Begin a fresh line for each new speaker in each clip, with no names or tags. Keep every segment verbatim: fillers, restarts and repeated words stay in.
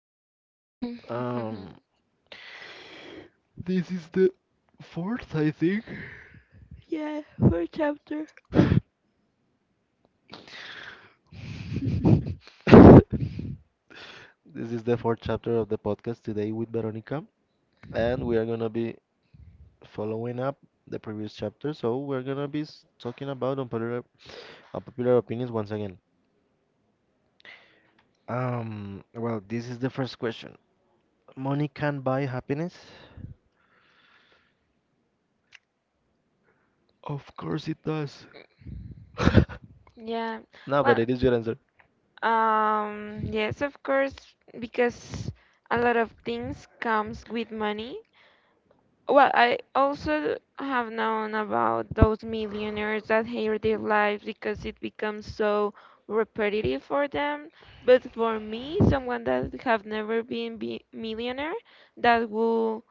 I'm tired. Um, this is the fourth, I think.
Yeah, for chapter.
This is the fourth chapter of the podcast today with Veronica, and we are gonna be following up the previous chapter. So we're gonna be s- talking about unpopular, unpopular opinions once again. Um, well, this is the first question. Money can buy happiness? Of course it does.
Yeah.
No,
Well,
but it is your answer.
um, yes, of course, because a lot of things comes with money. Well, I also have known about those millionaires that hate their lives because it becomes so repetitive for them. But for me, someone that have never been be millionaire, that will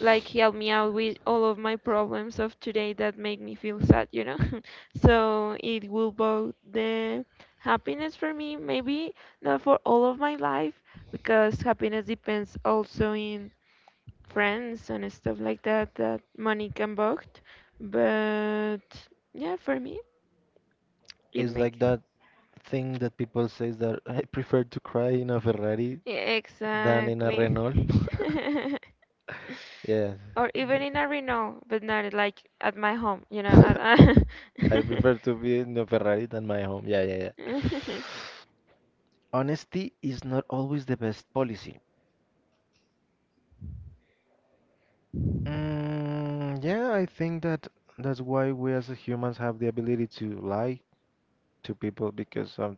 like help me out with all of my problems of today that make me feel sad, you know. So it will both the happiness for me, maybe not for all of my life, because happiness depends also in friends and stuff like that that money can buy. But yeah, for me it
It's
makes
like that thing that people say is that I prefer to cry in a Ferrari
yeah,
than in a
exactly.
Renault. Yeah.
Or
Yeah.
even in a Renault, but not like at my home, you know. at-
I prefer to be in a Ferrari than my home. Yeah, yeah, yeah. Honesty is not always the best policy. Mm, yeah, I think that that's why we as humans have the ability to lie, to people because of,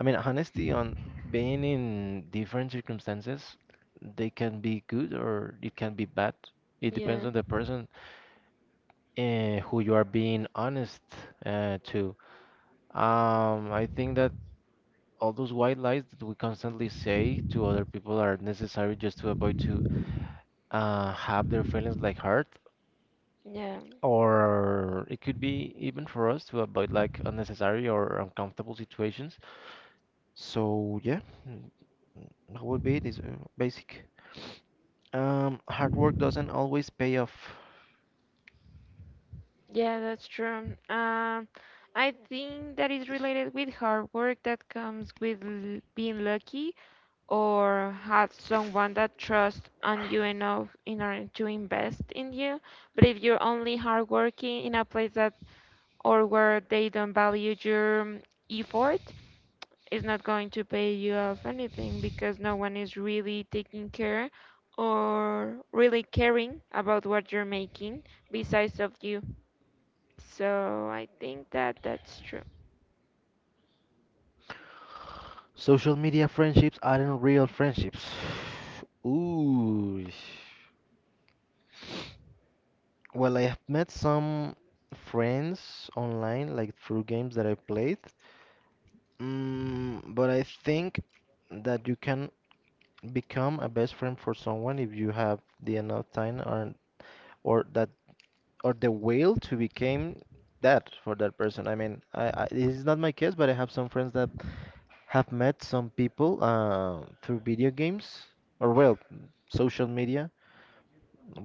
I mean, honesty on being in different circumstances, they can be good or it can be bad. It depends
Yeah,
on the person uh, who you are being honest uh, to. Um, I think that all those white lies that we constantly say to other people are necessary just to avoid to uh, have their feelings like hurt,
yeah,
or it could be even for us to avoid like unnecessary or uncomfortable situations. So yeah, what would be it is uh, basic. Um, hard work doesn't always pay off.
yeah, that's true. Um, I think that is related with hard work that comes with l- being lucky or have someone that trusts on you enough in order to invest in you. But if you're only hardworking in a place that or where they don't value your mm, effort, is not going to pay you off anything because no one is really taking care or really caring about what you're making besides of you. So I think that that's true.
Social media friendships aren't real friendships. Ooh. Well, I have met some friends online, like through games that I played. Mm, but I think that you can become a best friend for someone if you have the enough time or or that or the will to become that for that person. I mean, I, I this is not my case, but I have some friends that have met some people uh, through video games or well, social media.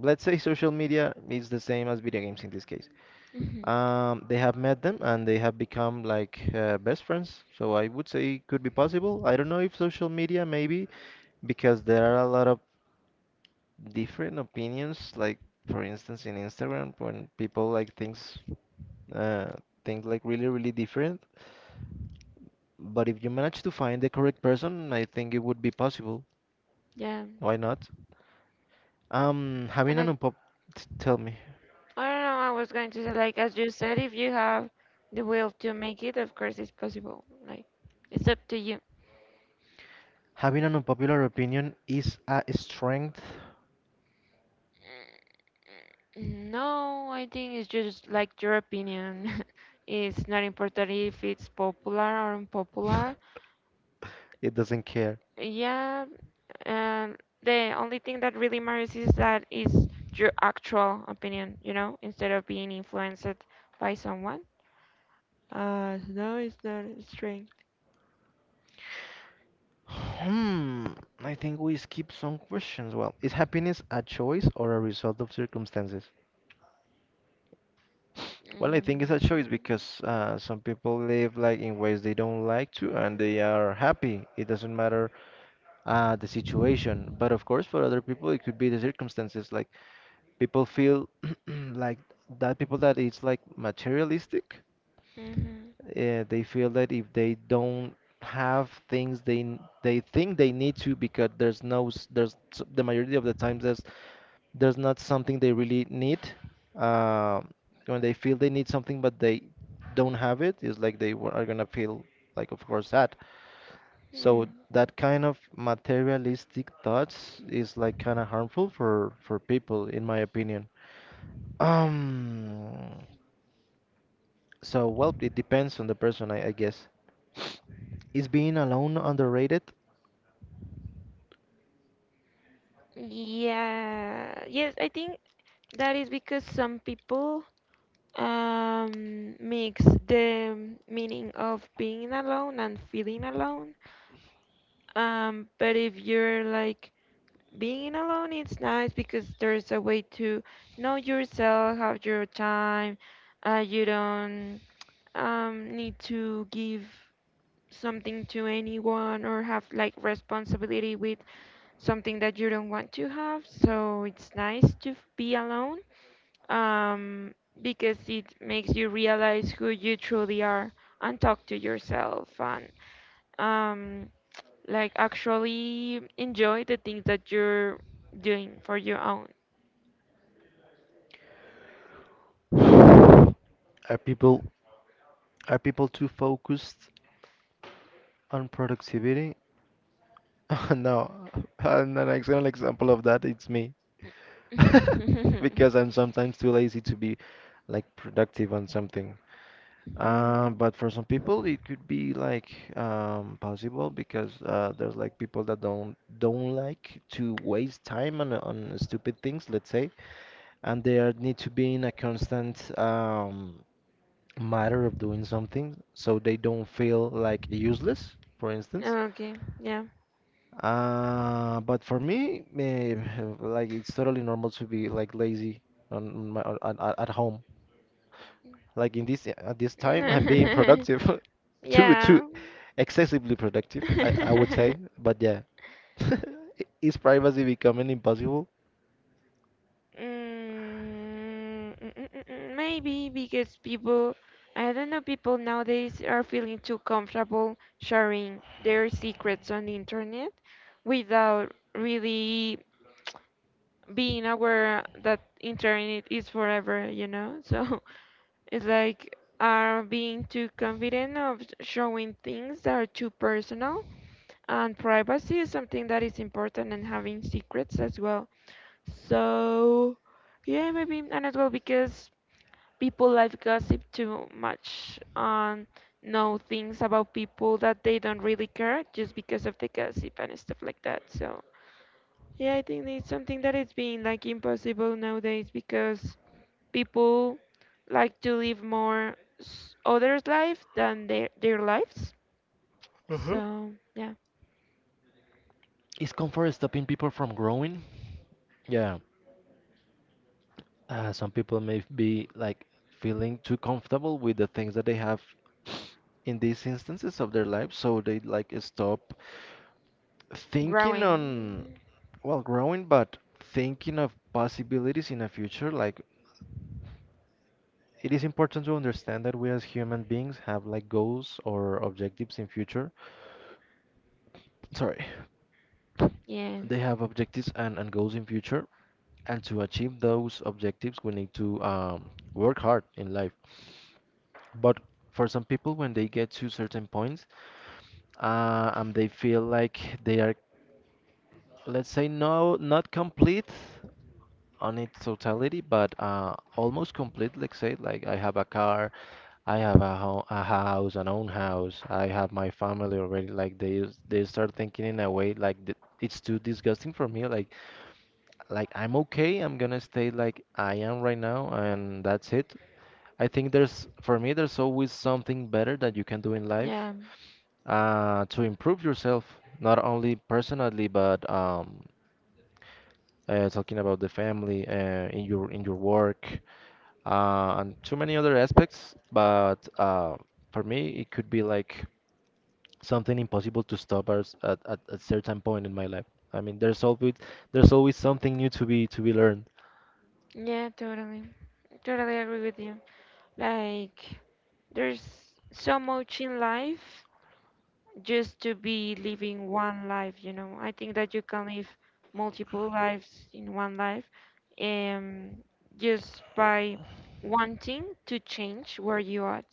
Let's say social media is the same as video games in this case.
Mhm.
Um, they have met them and they have become like uh, best friends. So I would say it could be possible. I don't know if social media maybe because there are a lot of different opinions. Like for instance in Instagram when people like things uh, think like really really different. But if you manage to find the correct person, I think it would be possible.
Yeah.
Why not? Um,
And
having an
I,
unpop t- Tell me,
I don't know, I was going to say, like, as you said, if you have the will to make it, of course it's possible. Like, it's up to you.
having an unpopular opinion is a strength.
Mm, No, I think it's just like your opinion. It's not important if it's popular or unpopular.
It doesn't care.
Yeah, and the only thing that really matters is that is your actual opinion, you know, instead of being influenced by someone. Uh, no, it's not a strength.
Hmm, I think we skip some questions. Well, is happiness a choice or a result of circumstances? Well, I think it's a choice because uh, some people live like in ways they don't like to and they are happy. It doesn't matter uh, the situation. But of course, for other people, it could be the circumstances. Like people feel like that people that it's like materialistic
Mm-hmm.
uh, they feel that if they don't have things they n- they think they need to because there's no s- there's s- the majority of the times there's there's not something they really need uh, when they feel they need something but they don't have it it's like they wa- are gonna feel like of course sad
Hmm.
so that kind of materialistic thoughts is like kind of harmful for for people in my opinion um, so well, it depends on the person, I, I guess. Is being alone underrated?
Yeah, yes, I think that is because some people um mix the meaning of being alone and feeling alone. Um, but if you're like being alone is nice because there's a way to know yourself, have your time. Uh, you don't um, need to give something to anyone or have like responsibility with something that you don't want to have. So it's nice to f- be alone um, because it makes you realize who you truly are and talk to yourself and um, like actually enjoy the things that you're doing for your own.
Are people are people too focused on productivity? No, and an excellent example of that it's me, because I'm sometimes too lazy to be like productive on something. Um,
Hmm.
but for some people, it could be like um, possible because uh, there's like people that don't don't like to waste time on on stupid things, let's say. And they are, need to be in a constant um, matter of doing something so they don't feel like useless, for instance.
Okay, yeah.
Uh, but for me, eh, like it's totally normal to be like lazy on my on, on- at at home. Like in this at this time, I'm being productive, too too
Yeah.
excessively productive, I, I would say. But yeah, is privacy becoming impossible?
Mm, mm, mm, mm, mm, Maybe because people, I don't know, people nowadays are feeling too comfortable sharing their secrets on the internet without really being aware that internet is forever, you know? So it's like are being too confident of showing things that are too personal and privacy is something that is important and having secrets as well. So yeah, maybe and as well because people like gossip too much and know things about people that they don't really care just because of the gossip and stuff like that. So yeah, I think it's something that that is being like impossible nowadays because people like to live more s- others' life than their their lives.
Uh-huh.
So yeah,
Is comfort stopping people from growing? Yeah. Uh, some people may be like feeling too comfortable with the things that they have in these instances of their life, so they like stop thinking
growing.
on, well, growing, but thinking of possibilities in a future. Like, it is important to understand that we as human beings have like goals or objectives in future. Sorry,
Yeah,
they have objectives and, and goals in future. And to achieve those objectives, we need to um, work hard in life. But for some people, when they get to certain points, uh, and they feel like they are, let's say, no, not complete on its totality, but uh, almost complete. Let's say, like I have a car, I have a, ho a house, an own house, I have my family already. Like they s- they start thinking in a way like th it's too disgusting for me. Like like I'm okay, I'm gonna stay like I am right now, and that's it. I think there's for me there's always something better that you can do in life
yeah,
uh, to improve yourself, not only personally, but um, uh, talking about the family, uh, in your in your work, uh, and too many other aspects. But uh, for me, it could be like something impossible to stop at, s- at at a certain point in my life. I mean, there's always there's always something new to be to be learned.
yeah. Totally, totally agree with you. Like, there's so much in life just to be living one life, you know. I think that you can live multiple lives in one life um, just by wanting to change where you are.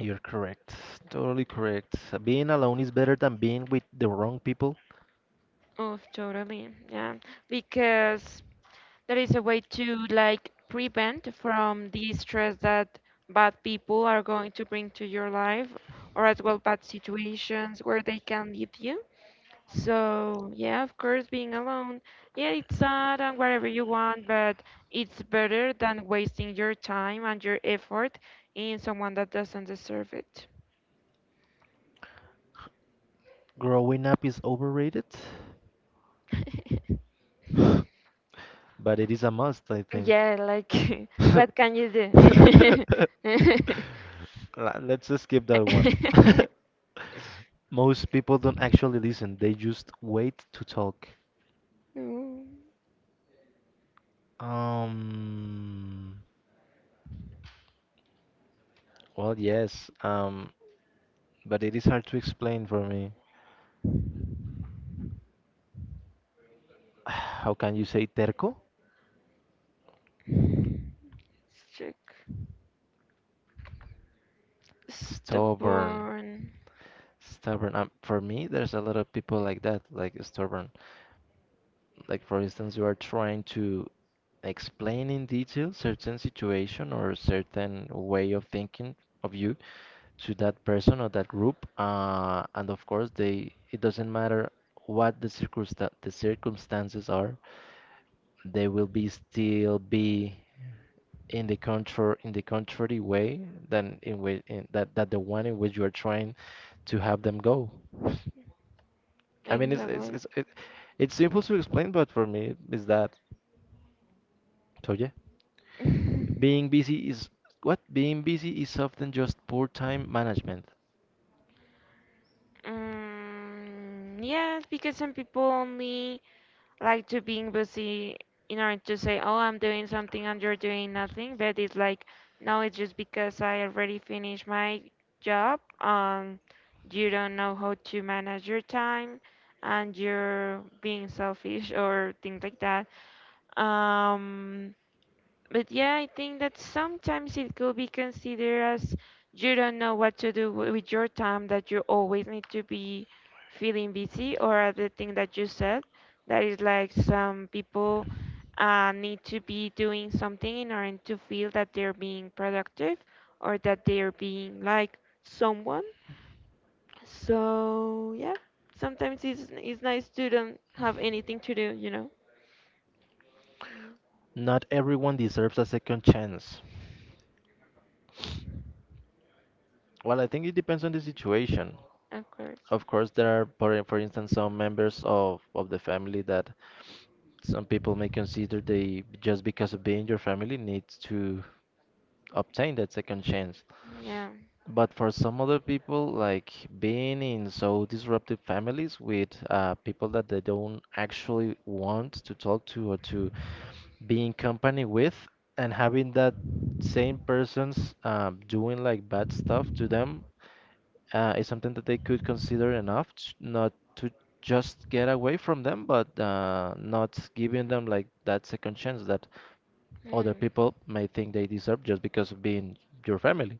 You're correct, totally correct. Being alone is better than being with the wrong people.
Oh, totally. Yeah. Because that is a way to like prevent from the stress that bad people are going to bring to your life or as well bad situations where they can lead you. So, yeah, of course, being alone, yeah, it's sad and whatever you want, but it's better than wasting your time and your effort in someone that doesn't deserve it.
Growing up is overrated, but it is a must, I think.
Yeah, like, what can you do?
La- Let's just skip that one. Most people don't actually listen, they just wait to talk.
No, let's
Um, well, yes, um, but it is hard to explain for me. How can you say terco?
check.
Stubborn.
Stubborn.
Stubborn. Um, for me, there's a lot of people like that, like stubborn. Like, for instance, you are trying to explain in detail certain situation or certain way of thinking of you, to that person or that group uh, and of course they it doesn't matter what the circumsta- the circumstances are they will be still be in the contra in the contrary way than in which in that that the one in which you are trying to have them go. I mean it's it's
Exactly.
it's it, it's simple to explain but for me is that so yeah being busy is what being busy is often just poor time management.
Mm, yes, because some people only like to being busy in order to say, "Oh, I'm doing something and you're doing nothing," but it's like, no, it's just because I already finished my job. Um, you don't know how to manage your time, and you're being selfish or things like that. Um, but yeah, I think that sometimes it could be considered as you don't know what to do wi- with your time, that you always need to be feeling busy, or the thing that you said, that is like some people uh, need to be doing something in order to feel that they're being productive or that they're being like someone. So yeah, sometimes it's it's nice to don't have anything to do, you know? Mm,
Not everyone deserves a second chance. Well, I think it depends on the situation.
of course.
Of course, there are, for, for instance, some members of, of the family that some people may consider they, just because of being your family, needs to obtain that second chance.
Yeah.
But for some other people, like being in so disruptive families with uh, people that they don't actually want to talk to or to be in company with, and having that same persons um, doing like bad stuff to them uh, is something that they could consider enough t not to just get away from them, but uh, not giving them like that second chance that other
Mm.
people may think they deserve just because of being your family.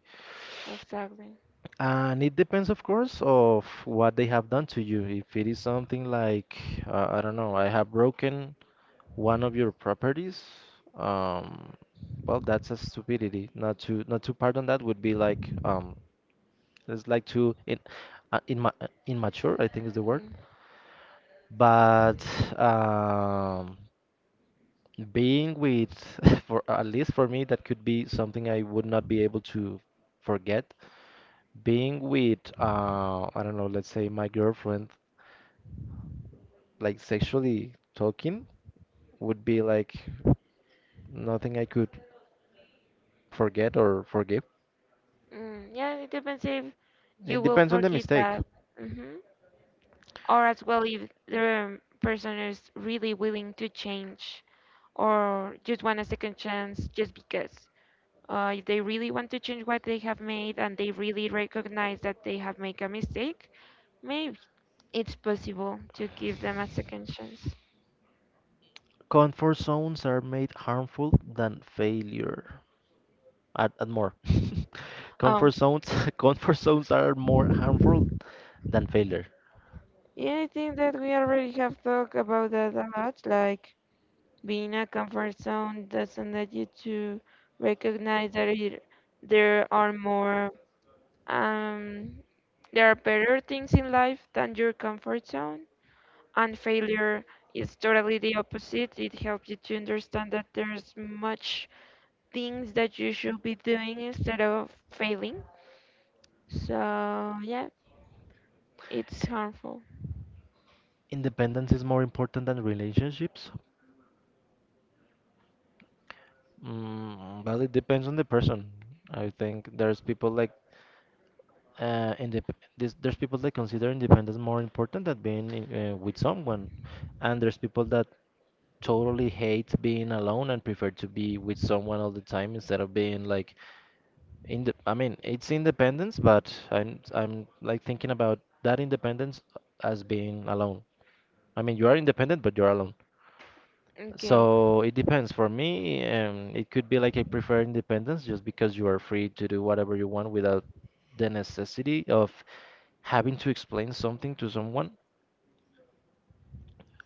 Exactly.
And it depends, of course, of what they have done to you. If it is something like, uh, I don't know, I have broken one of your properties, um, well, that's a stupidity. Not to not to pardon that would be like um, so it's like too in, uh, I uh, immature, I think is the
Yeah.
word. But um, being with, for at least for me, that could be something I would not be able to forget. Being with, uh, I don't know, let's say my girlfriend, like sexually talking, would be like nothing I could forget or forgive.
Mm, yeah, it depends if you
It
will
depends on the
forgive
mistake.
that. Hmm. Or as well if the person is really willing to change or just want a second chance just because. Uh, if they really want to change what they have made and they really recognize that they have made a mistake, maybe it's possible to give them a second chance.
Comfort zones are made harmful than failure. and, and more.
Oh,
comfort zones, comfort zones are more harmful than failure.
yeah, I think that we already have talked about that a lot. Like, being a comfort zone doesn't let you to recognize that it, there are more um, there are better things in life than your comfort zone. And failure is totally the opposite. It helps you to understand that there's much things that you should be doing instead of failing. So yeah, it's harmful.
Independence is more important than relationships. Mm, well, it depends on the person. I think there's people like uh, indep- this, there's people that consider independence more important than being in- uh, with someone, and there's people that totally hate being alone and prefer to be with someone all the time instead of being like In the, I mean, it's independence, but I'm I'm like thinking about that independence as being alone. I mean, you are independent, but you're alone.
Okay.
So it depends. For me, um, it could be like I prefer independence just because you are free to do whatever you want without the necessity of having to explain something to someone.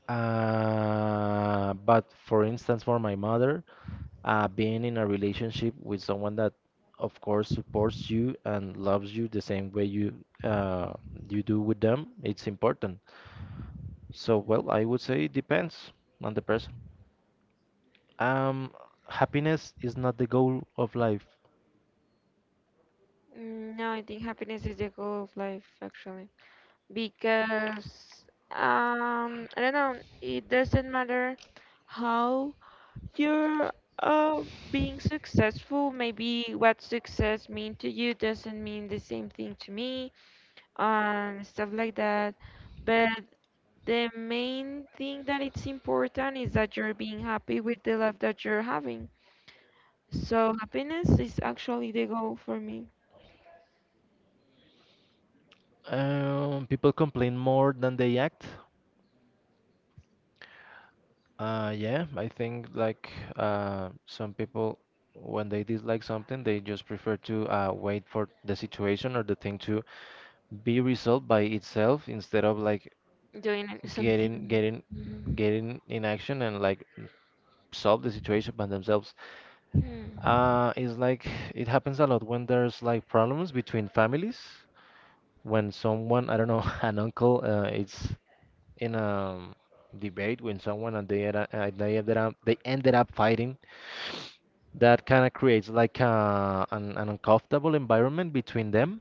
Uh, but for instance, for my mother, uh, being in a relationship with someone that, of course, supports you and loves you the same way you uh, you do with them, it's important. So, well, I would say it depends on the person. Um, Happiness is not the goal of life.
Mm, No, I think happiness is the goal of life actually. Because um I don't know, it doesn't matter how you're um being successful. Maybe what success mean to you doesn't mean the same thing to me, um stuff like that. But the main thing that it's important is that you're being happy with the life that you're having. So happiness is actually the goal for me.
Um, people complain more than they act. Uh, yeah, I think like uh, some people, when they dislike something, they just prefer to uh, wait for the situation or the thing to be resolved by itself, instead of like
Doing it-
get
something.
in get in
Mhm.
get in in action, and like solve the situation by themselves.
Hmm.
Uh it's like it happens a lot when there's like problems between families, when someone, I don't know, an uncle, uh, is in a um, debate with someone, and they, era- uh, they ended up they ended up fighting. That kind of creates like uh, an, an uncomfortable environment between them,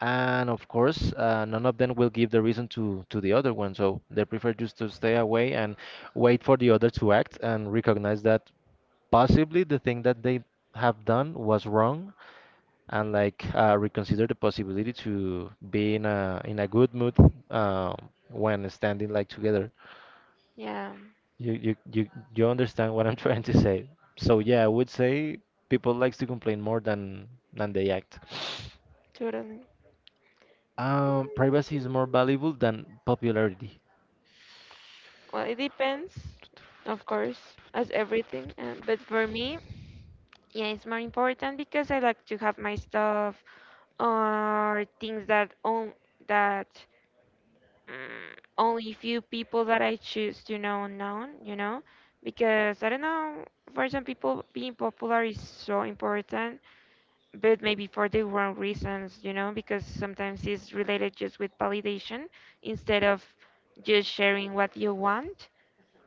and of course, uh, none of them will give the reason to to the other one, so they prefer just to stay away and wait for the other to act and recognize that possibly the thing that they have done was wrong, and like uh, reconsider the possibility to be in a in a good mood, um, when standing like together.
Yeah,
You, you you you understand what I'm trying to say. So yeah, I would say people likes to complain more than than they act.
totally.
Um, privacy is more valuable than popularity.
Well, it depends, of course, as everything. Um, but for me, yeah, it's more important because I like to have my stuff or things that on that mm, only few people that I choose to know known, you know, because I don't know. For some people, being popular is so important, but maybe for the wrong reasons, you know, because sometimes it's related just with validation instead of just sharing what you want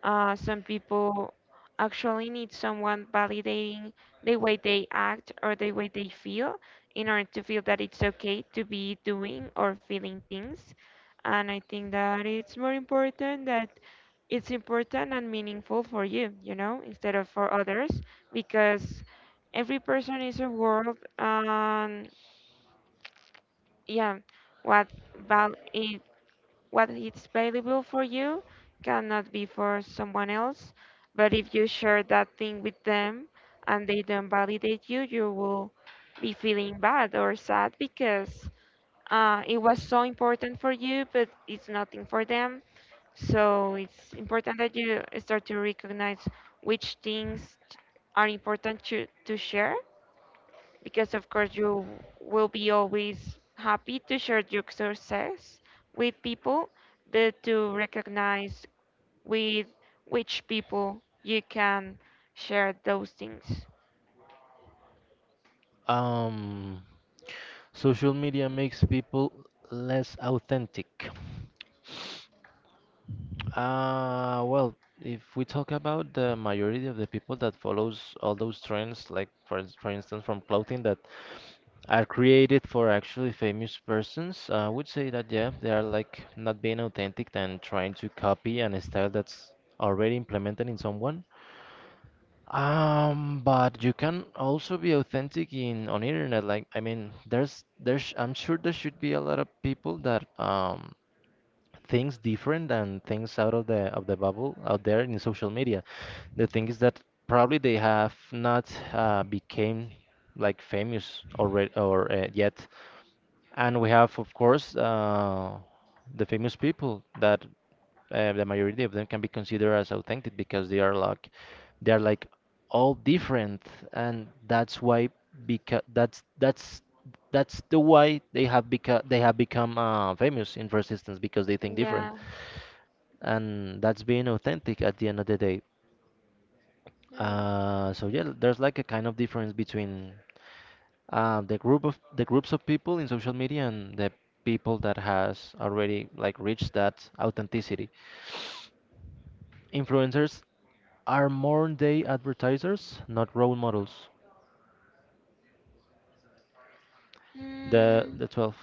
uh, some people actually need someone validating the way they act or the way they feel in order to feel that it's okay to be doing or feeling things. And I think that it's more important that it's important and meaningful for you, you know, instead of for others, because every person is a world. And yeah, what val- eh, what is valuable for you cannot be for someone else. But if you share that thing with them and they don't validate you, you will be feeling bad or sad because uh, it was so important for you, but it's nothing for them. So it's important that you start to recognize which things t- are important to, to share because of course you will be always happy to share your success with people, but to recognize with which people you can share those things.
Um, Social media makes people less authentic. Uh, well, if we talk about the majority of the people that follows all those trends, like for, ins- for instance from clothing that are created for actually famous persons, I would say that yeah, they are like not being authentic and trying to copy an style that's already implemented in someone. Um, but you can also be authentic in on internet. Like, I mean, there's there's I'm sure there should be a lot of people that um things different and things out of the of the bubble out there in social media. The thing is that probably they have not uh, became like famous already, or uh, yet. And we have, of course, uh, the famous people that uh, the majority of them can be considered as authentic because they are like they are like all different, and that's why, because that's that's that's the why they have become they have become uh, famous in first instance, because they think
Yeah.
different, and that's being authentic at the end of the day.
Mm.
Uh, so yeah, there's like a kind of difference between uh, the group of the groups of people in social media and the people that has already like reached that authenticity. Influencers are more day advertisers, not role models. The
Mm.
the twelve.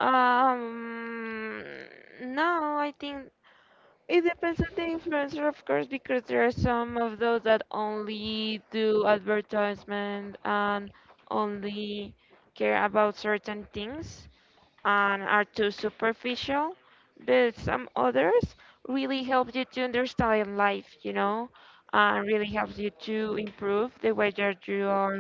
Um, no, I think it depends on the influencer, of course, because there are some of those that only do advertisement and only care about certain things, and are too superficial, but some others really help you to understand life, you know, and really helps you to improve the way that you are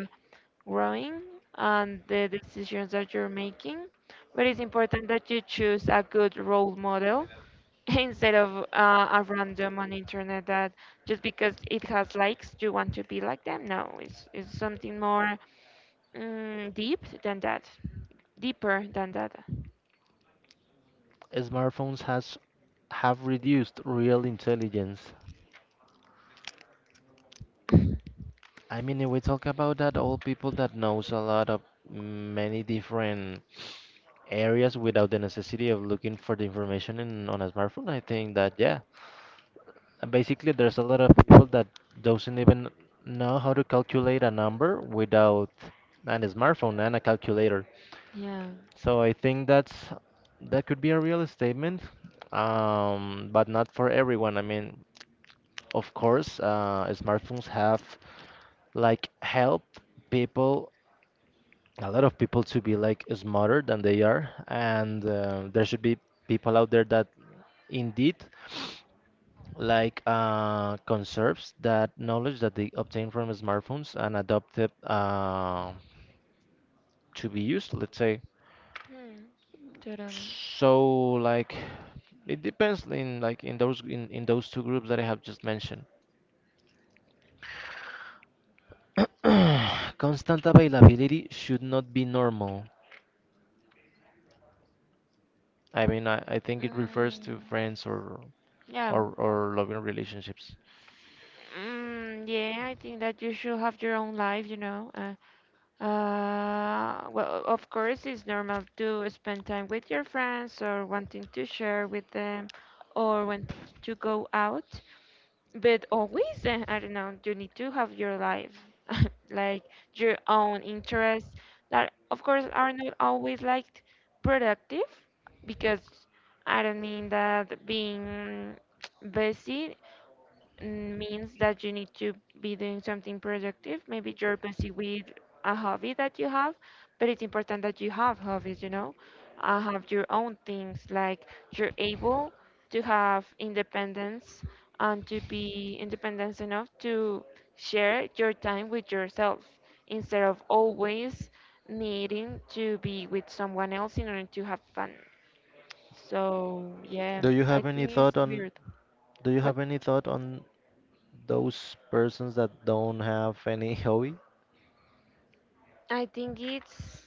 growing and the decisions that you're making. But it's important that you choose a good role model instead of uh, a random on internet that just because it has likes you want to be like them. No, it's it's something more mm, deep than that, deeper than that.
Smartphones has have reduced real intelligence. I mean, if we talk about that, all people that knows a lot of many different areas without the necessity of looking for the information in on a smartphone, I think that yeah. And basically, there's a lot of people that doesn't even know how to calculate a number without an smartphone and a calculator.
Yeah.
So I think that's that could be a real statement, um, but not for everyone. I mean, of course, uh, smartphones have like helped people, a lot of people, to be like smarter than they are, and uh, there should be people out there that indeed like uh, conserves that knowledge that they obtain from smartphones and adopt it, uh, to be used, let's say.
Hmm. Totally.
So like it depends in like in those in, in those two groups that I have just mentioned. Constant availability should not be normal. I mean, I, I think it refers to
Mm,
friends, or,
yeah,
or or loving relationships.
mm, yeah. I think that you should have your own life. You know, uh, uh, well, of course, it's normal to spend time with your friends or wanting to share with them or want to go out. But always, uh, I don't know, you need to have your life, like your own interests that, of course, are not always like productive because I don't mean that being busy mm, means that you need to be doing something productive. Maybe you're busy with a hobby that you have, but it's important that you have hobbies, you know, uh, have your own things. Like you're able to have independence and to be independent enough to share your time with yourself instead of always needing to be with someone else in order to have fun. So, yeah,
Do you
I
have any
think it's
thought on
weird.
do you
What?
have any thought on those persons that don't have any hobby?
I think it's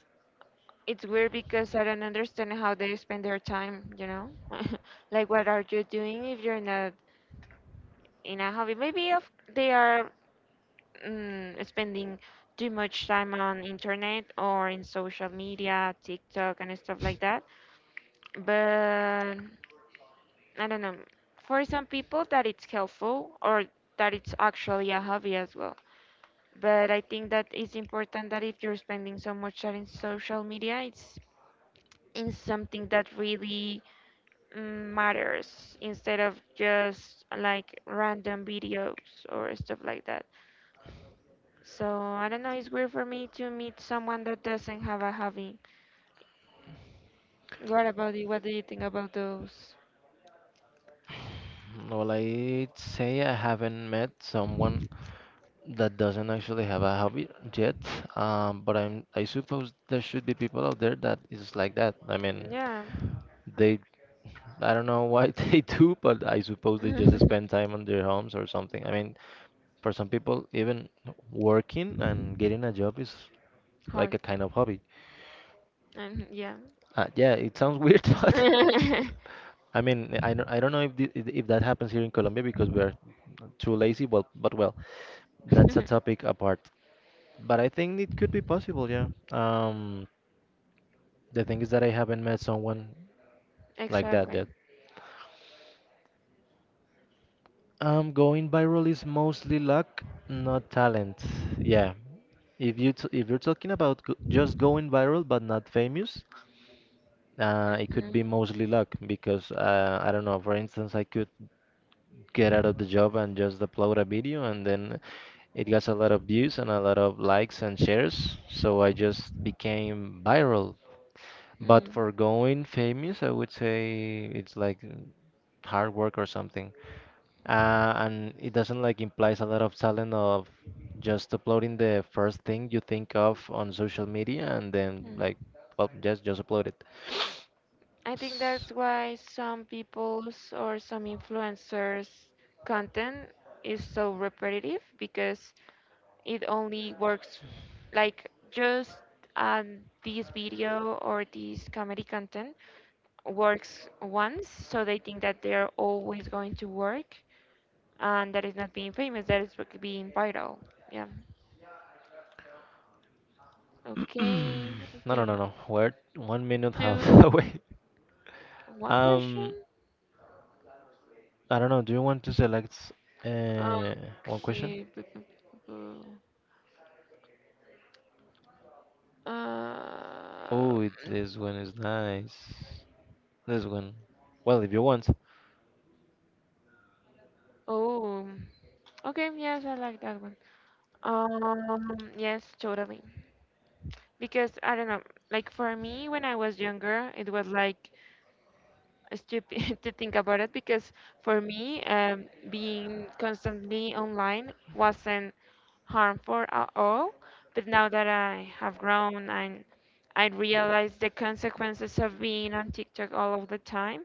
it's weird because I don't understand how they spend their time, you know? Like, what are you doing if you're not in a hobby? Maybe if they are mm, spending too much time on internet or in social media, TikTok and stuff like that. But I don't know. For some people that it's helpful or that it's actually a hobby as well. But I think that it's important that if you're spending so much time in social media, it's in something that really mm, matters instead of just like random videos or stuff like that. So I don't know, it's weird for me to meet someone that doesn't have a hobby. What about you? What do you think about those?
Well, I'd say I haven't met someone that doesn't actually have a hobby yet. Um, but I'm I suppose there should be people out there that is like that. I mean,
Yeah.
they I don't know why they do, but I suppose they just spend time on their homes or something. I mean, for some people, even working and getting a job is like
Hard.
a kind of hobby.
Um, yeah.
Uh, yeah, it sounds weird, but I mean, I don't I don't know if the, if that happens here in Colombia because we are too lazy, but but well. That's a topic apart, but I think it could be possible, yeah. Um, the thing is that I haven't met someone like that
Exactly.
yet. Um, going viral is mostly luck, not talent. Yeah. If you t if you're talking about go just going viral but not famous, uh, it could be
Mhm.
mostly luck because uh, I don't know. For instance, I could get out of the job and just upload a video, and then it got a lot of views and a lot of likes and shares. So I just became viral. But
Mm.
for going famous, I would say it's like mm, hard work or something. Uh, and it doesn't like implies a lot of talent of just uploading the first thing you think of on social media, and then
Mm.
like, well, just just upload it.
I think
S-
that's why some people's or some influencers' content is so repetitive because it only works like just um, this video or this comedy content works once, so they think that they're always going to work, and that is not being famous, that is bec- being viral. Yeah. Okay, I
No, no, no,
think
no. We're one minute half
two,
away.
one
Um,
question.
I don't know. Do you want to select uh, one question?
Okay. bu- bu- bu- bu- Uh,
Oh, it- this one is nice. This one. Well, if you want.
oh, okay, yes, I like that one. Um, yes, totally. Because I don't know, like for me when I was younger, it was like stupid to think about it because for me, um, being constantly online wasn't harmful at all. But now that I have grown and I realize the consequences of being on TikTok all of the time,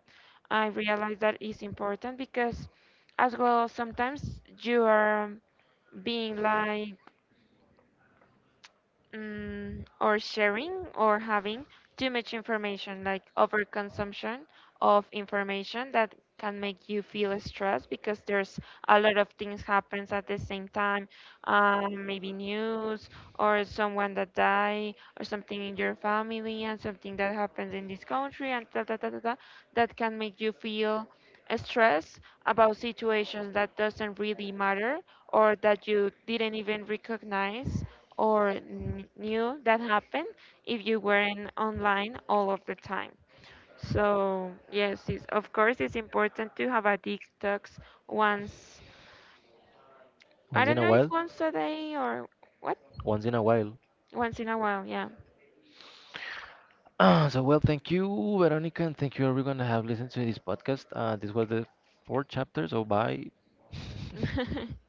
I realize that is important because as well sometimes you are being like mm, or sharing or having too much information, like overconsumption of information that can make you feel stressed because there's a lot of things happens at the same time. Um, maybe news or someone that die or something in your family and something that happens in this country and da, da, da, da, da, that can make you feel stress about situations that doesn't really matter or that you didn't even recognize or n- knew that happened if you weren't online all of the time. So yes, it's, of course it's important to have a detox once. I
Once in
don't
a
know if
while.
once a day or what,
Once in a while.
once in a while. Yeah.
So, well, thank you, Veronica, and thank you, everyone, that have listened to this podcast. Uh, this was the fourth chapter, so bye.